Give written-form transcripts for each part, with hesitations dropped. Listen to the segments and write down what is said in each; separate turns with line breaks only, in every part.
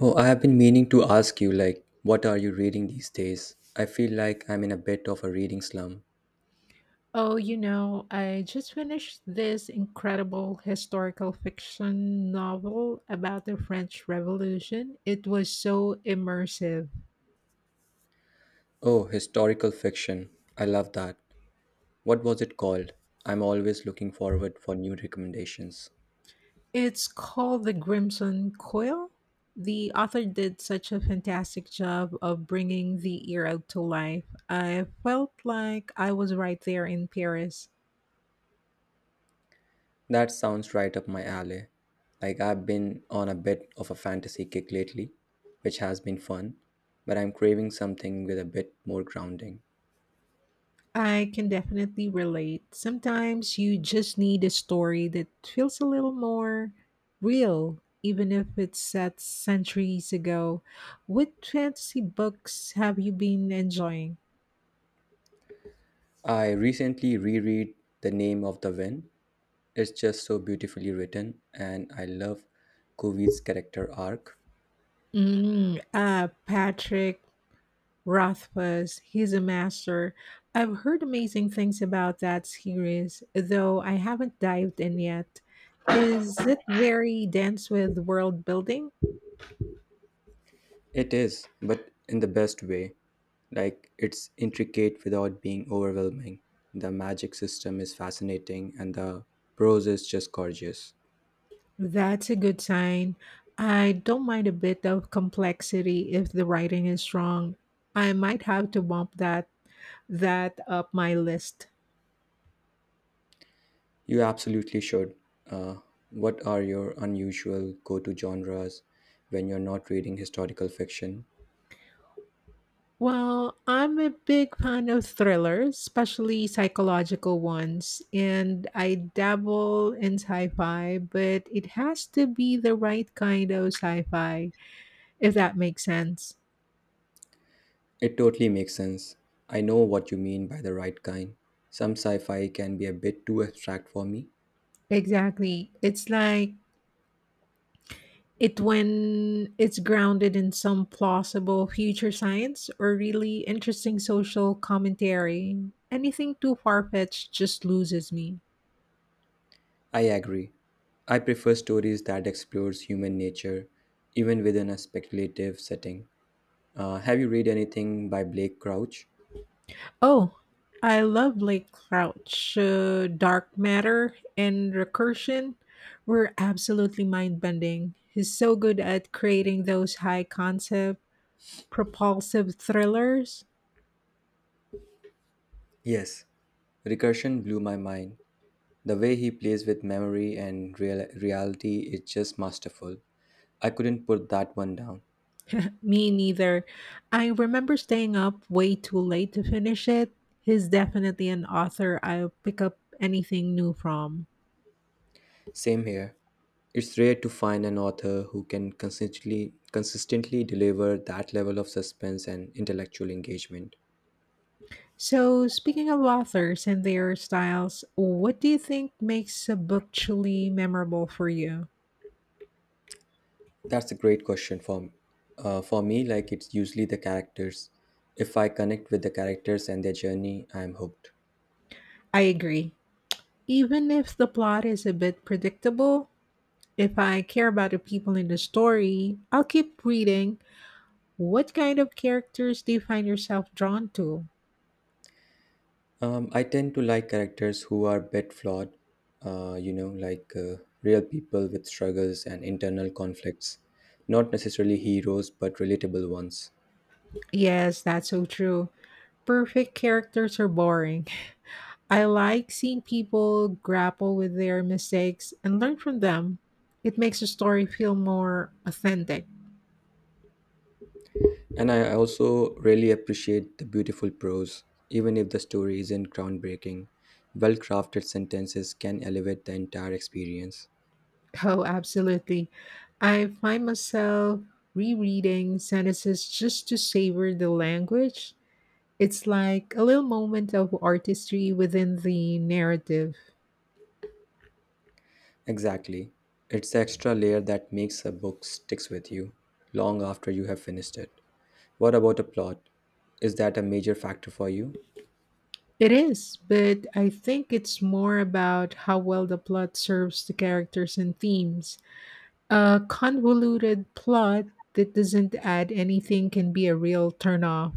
Oh, I have been meaning to ask you, like, what are you reading these days? I feel like I'm in a bit of a reading slump.
Oh, you know, I just finished this incredible historical fiction novel about the French Revolution. It was so immersive.
Oh, historical fiction. I love that. What was it called? I'm always looking forward for new recommendations.
It's called The Crimson Coil. The author did such a fantastic job of bringing the era to life. I felt like I was right there in Paris.
That sounds right up my alley. Like I've been on a bit of a fantasy kick lately, which has been fun, but I'm craving something with a bit more grounding.
I can definitely relate. Sometimes you just need a story that feels a little more real, even if it's set centuries ago. What fantasy books have you been enjoying?
I recently reread The Name of the Wind. It's just so beautifully written, and I love Kuvi's character arc.
Patrick Rothfuss, he's a master. I've heard amazing things about that series, though I haven't dived in yet. Is it very dense with world building?
It is, but in the best way. Like, it's intricate without being overwhelming. The magic system is fascinating, and the prose is just gorgeous.
That's a good sign. I don't mind a bit of complexity if the writing is strong. I might have to bump that up my list.
You absolutely should. Uh, what are your unusual go to genres when you're not reading historical fiction?
Well, I'm a big fan of thrillers, especially psychological ones, and I dabble in sci-fi, but it has to be the right kind of sci-fi, if that makes sense.
It totally makes sense. I know what you mean by the right kind. Some sci fi can be a bit too abstract for me.
Exactly. It's like it when it's grounded in some plausible future science or really interesting social commentary. Anything too far fetched just loses me.
I agree. I prefer stories that explores human nature, even within a speculative setting. Have you read anything by Blake Crouch?
Oh, I love Blake Crouch. Dark Matter and Recursion were absolutely mind bending. He's so good at creating those high concept, propulsive thrillers.
Yes. Recursion blew my mind. The way he plays with memory and reality is just masterful. I couldn't put that one down.
Me neither. I remember staying up way too late to finish it. He's definitely an author I'll pick up anything new from.
Same here. It's rare to find an author who can consistently deliver that level of suspense and intellectual engagement.
So, speaking of authors and their styles, what do you think makes a book truly memorable for you?
That's a great question for me. Like it's usually the characters. If I connect with the characters and their journey, I'm hooked.
I agree. Even if the plot is a bit predictable, if I care about the people in the story, I'll keep reading. What kind of characters do you find yourself drawn to?
I tend to like characters who are a bit flawed. Like, real people with struggles and internal conflicts, not necessarily heroes, but relatable ones.
Yes, that's so true. Perfect characters are boring. I like seeing people grapple with their mistakes and learn from them. It makes the story feel more authentic.
And I also really appreciate the beautiful prose, even if the story isn't groundbreaking. Well crafted sentences can elevate the entire experience.
Oh, absolutely. I find myself rereading sentences just to savor the language. It's like a little moment of artistry within the narrative.
Exactly. It's the extra layer that makes a book sticks with you long after you have finished it. What about a plot? Is that a major factor for you?
It is, but I think it's more about how well the plot serves the characters and themes. A convoluted plot that doesn't add anything can be a real turnoff.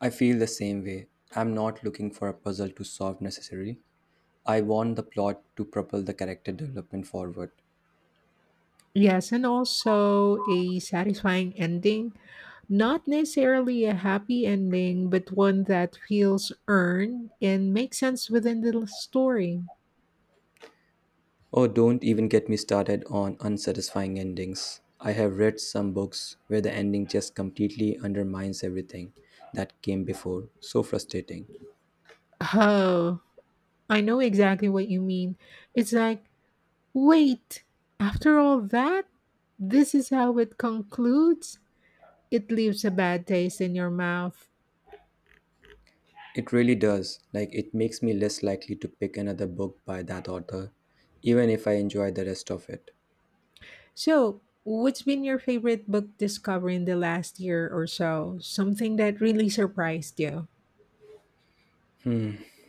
I feel the same way. I'm not looking for a puzzle to solve necessarily. I want the plot to propel the character development forward.
Yes, and also a satisfying ending. Not necessarily a happy ending, but one that feels earned and makes sense within the story.
Oh, don't even get me started on unsatisfying endings. I have read some books where the ending just completely undermines everything that came before. So frustrating.
Oh, I know exactly what you mean. It's like, wait, after all that, this is how it concludes? It leaves a bad taste in your mouth.
It really does. Like, it makes me less likely to pick another book by that author, even if I enjoy the rest of it.
So, what's been your favorite book discovery in the last year or so? Something that really surprised you?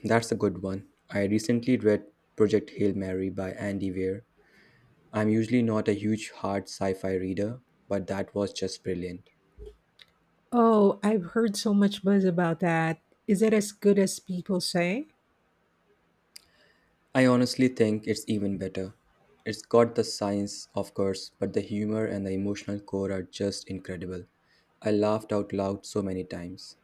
That's a good one. I recently read Project Hail Mary by Andy Weir. I'm usually not a huge hard sci fi reader, but that was just brilliant.
Oh, I've heard so much buzz about that. Is it as good as people say?
I honestly think it's even better. It's got the science, of course, but the humor and the emotional core are just incredible. I laughed out loud so many times.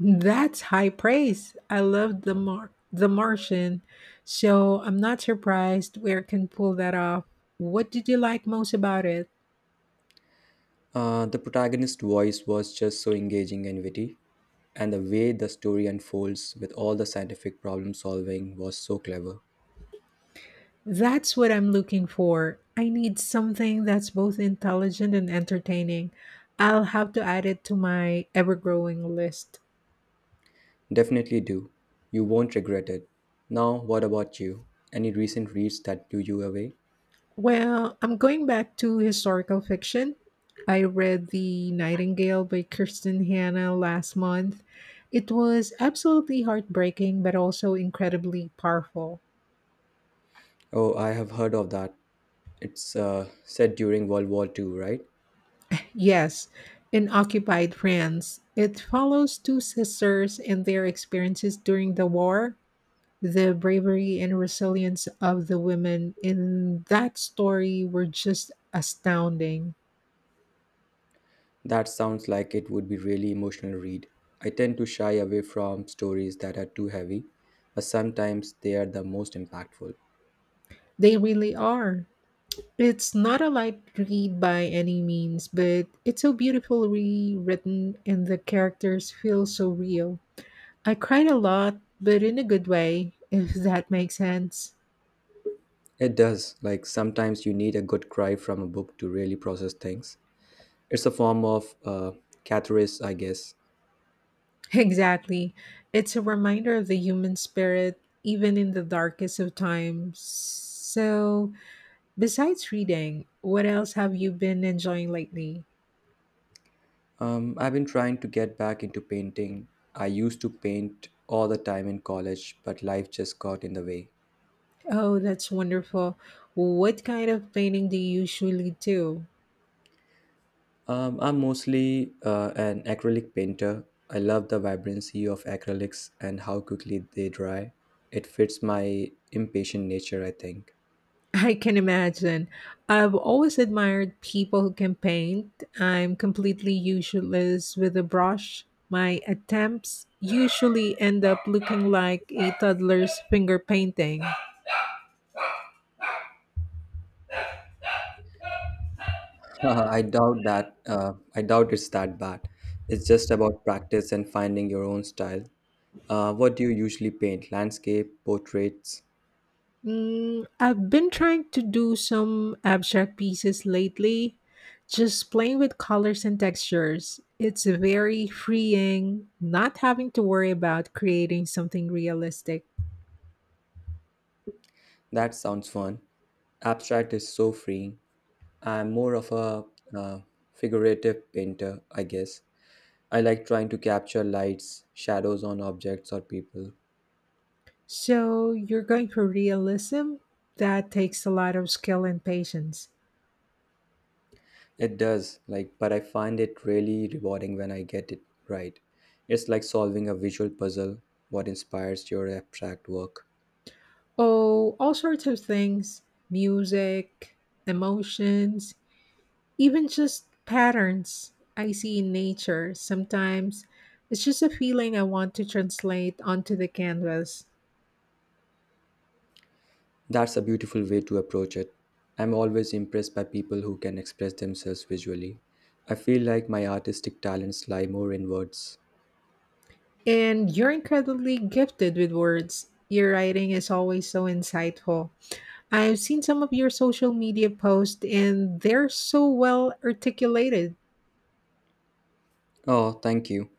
That's high praise. I love the the Martian, so I'm not surprised where it can pull that off. What did you like most about it?
The protagonist's voice was just so engaging and witty, and the way the story unfolds with all the scientific problem solving was so clever.
That's what I'm looking for. I need something that's both intelligent and entertaining. I'll have to add it to my ever-growing list.
Definitely do. You won't regret it. Now, what about you? Any recent reads that blew you away?
Well, I'm going back to historical fiction. I read The Nightingale by Kirsten Hanna last month. It was absolutely heartbreaking, but also incredibly powerful.
Oh, I have heard of that. It's set during World War Two, right?
Yes, in occupied France, it follows two sisters and their experiences during the war. The bravery and resilience of the women in that story were just astounding.
That sounds like it would be really emotional read. I tend to shy away from stories that are too heavy, but sometimes they are the most impactful.
They really are. It's not a light read by any means, but it's so beautifully rewritten and the characters feel so real. I cried a lot, but in a good way, if that makes sense.
It does. Like sometimes you need a good cry from a book to really process things. It's a form of catharsis, I guess.
Exactly. It's a reminder of the human spirit, even in the darkest of times. So, besides reading, what else have you been enjoying lately?
I've been trying to get back into painting. I used to paint all the time in college, but life just got in the way.
Oh, that's wonderful. What kind of painting do you usually do?
I'm mostly an acrylic painter. I love the vibrancy of acrylics and how quickly they dry. It fits my impatient nature, I think.
I can imagine. I've always admired people who can paint. I'm completely useless with a brush. My attempts usually end up looking like a toddler's finger painting.
I doubt that. I doubt it's that bad. It's just about practice and finding your own style. What do you usually paint? Landscape, portraits?
I've been trying to do some abstract pieces lately, just playing with colors and textures. It's very freeing not having to worry about creating something realistic.
That sounds fun. Abstract is so freeing. I'm more of a uh, figurative painter, I guess. I like trying to capture lights, shadows on objects or people.
So you're going for realism? That takes a lot of skill and patience.
It does, like, but I find it really rewarding when I get it right. It's like solving a visual puzzle, what inspires your abstract work.
Oh, all sorts of things music, emotions, even just patterns I see in nature. Sometimes it's just a feeling I want to translate onto the canvas.
That's a beautiful way to approach it. I'm always impressed by people who can express themselves visually. I feel like my artistic talents lie more in words.
And you're incredibly gifted with words. Your writing is always so insightful. I've seen some of your social media posts and they're so well articulated.
Oh, thank you.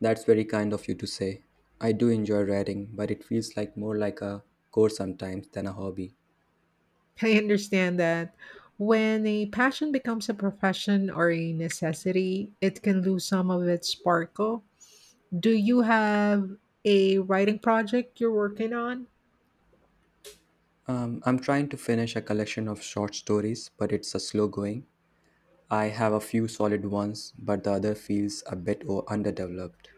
That's very kind of you to say. I do enjoy writing, but it feels more like a chore sometimes than a hobby.
I understand that when a passion becomes a profession or a necessity, it can lose some of its sparkle. Do you have a writing project you're working on?
I'm trying to finish a collection of short stories, but it's a slow going. I have a few solid ones, but the other feels a bit underdeveloped.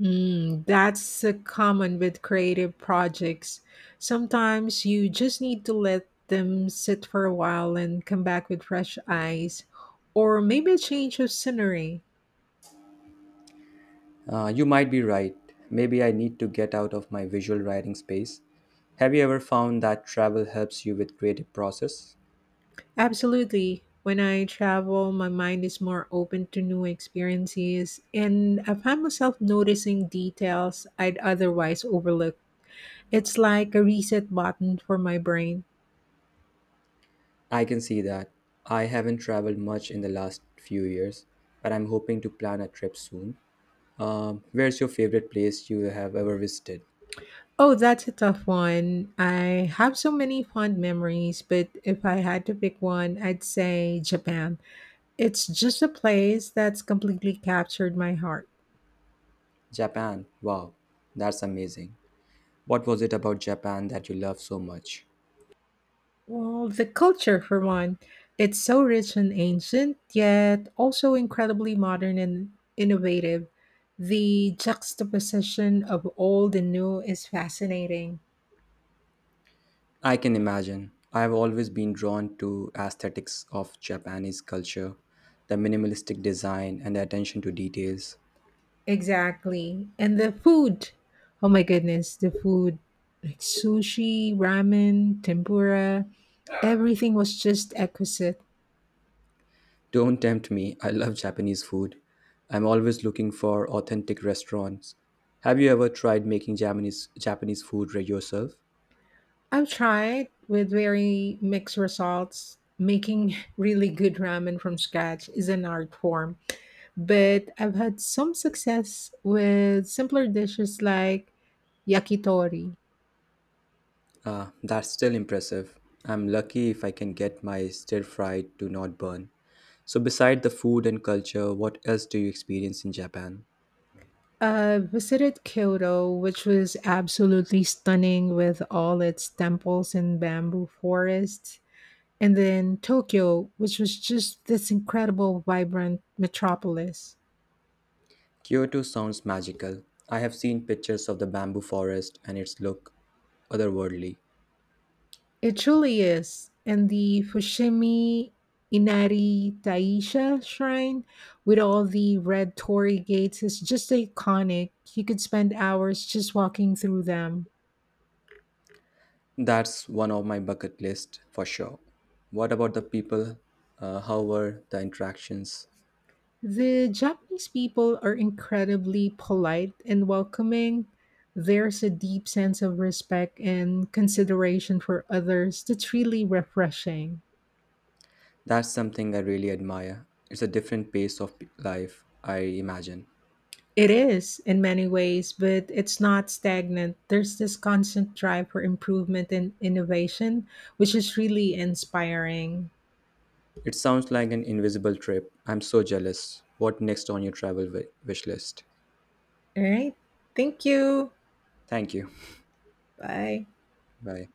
Mm, that's common with creative projects. Sometimes you just need to let them sit for a while and come back with fresh eyes, or maybe a change of scenery.
You might be right. Maybe I need to get out of my visual writing space. Have you ever found that travel helps you with creative process?
Absolutely. When I travel, my mind is more open to new experiences, and I find myself noticing details I'd otherwise overlook. It's like a reset button for my brain.
I can see that. I haven't traveled much in the last few years, but I'm hoping to plan a trip soon. Where's your favorite place you have ever visited?
Oh, that's a tough one. I have so many fond memories, but if I had to pick one, I'd say Japan. It's just a place that's completely captured my heart.
Japan. Wow, that's amazing. What was it about Japan that you love so much?
Well, the culture, for one, it's so rich and ancient, yet also incredibly modern and innovative. The juxtaposition of old and new is fascinating.
I can imagine. I've always been drawn to aesthetics of Japanese culture, the minimalistic design and the attention to details.
Exactly. And the food. Oh my goodness, the food like sushi, ramen, tempura, everything was just exquisite.
Don't tempt me. I love Japanese food. I'm always looking for authentic restaurants. Have you ever tried making Japanese food yourself?
I've tried with very mixed results. Making really good ramen from scratch is an art form but I've had some success with simpler dishes like yakitori.
Ah, that's still impressive. I'm lucky if I can get my stir fried to not burn. So, beside the food and culture, what else do you experience in Japan?
I visited Kyoto, which was absolutely stunning with all its temples and bamboo forests, and then Tokyo, which was just this incredible, vibrant metropolis.
Kyoto sounds magical. I have seen pictures of the bamboo forest and its look otherworldly.
It truly is. And the Fushimi Inari Taisha shrine with all the red torii gates is just iconic. You could spend hours just walking through them.
That's one of my bucket list for sure. What about the people? How were the interactions?
The Japanese people are incredibly polite and welcoming. There's a deep sense of respect and consideration for others that's really refreshing.
That's something I really admire. It's a different pace of life, I imagine.
It is in many ways, but it's not stagnant. There's this constant drive for improvement and innovation, which is really inspiring.
It sounds like an invisible trip. I'm so jealous. What next on your travel wish list?
All right. Thank you.
Thank you.
Bye.
Bye.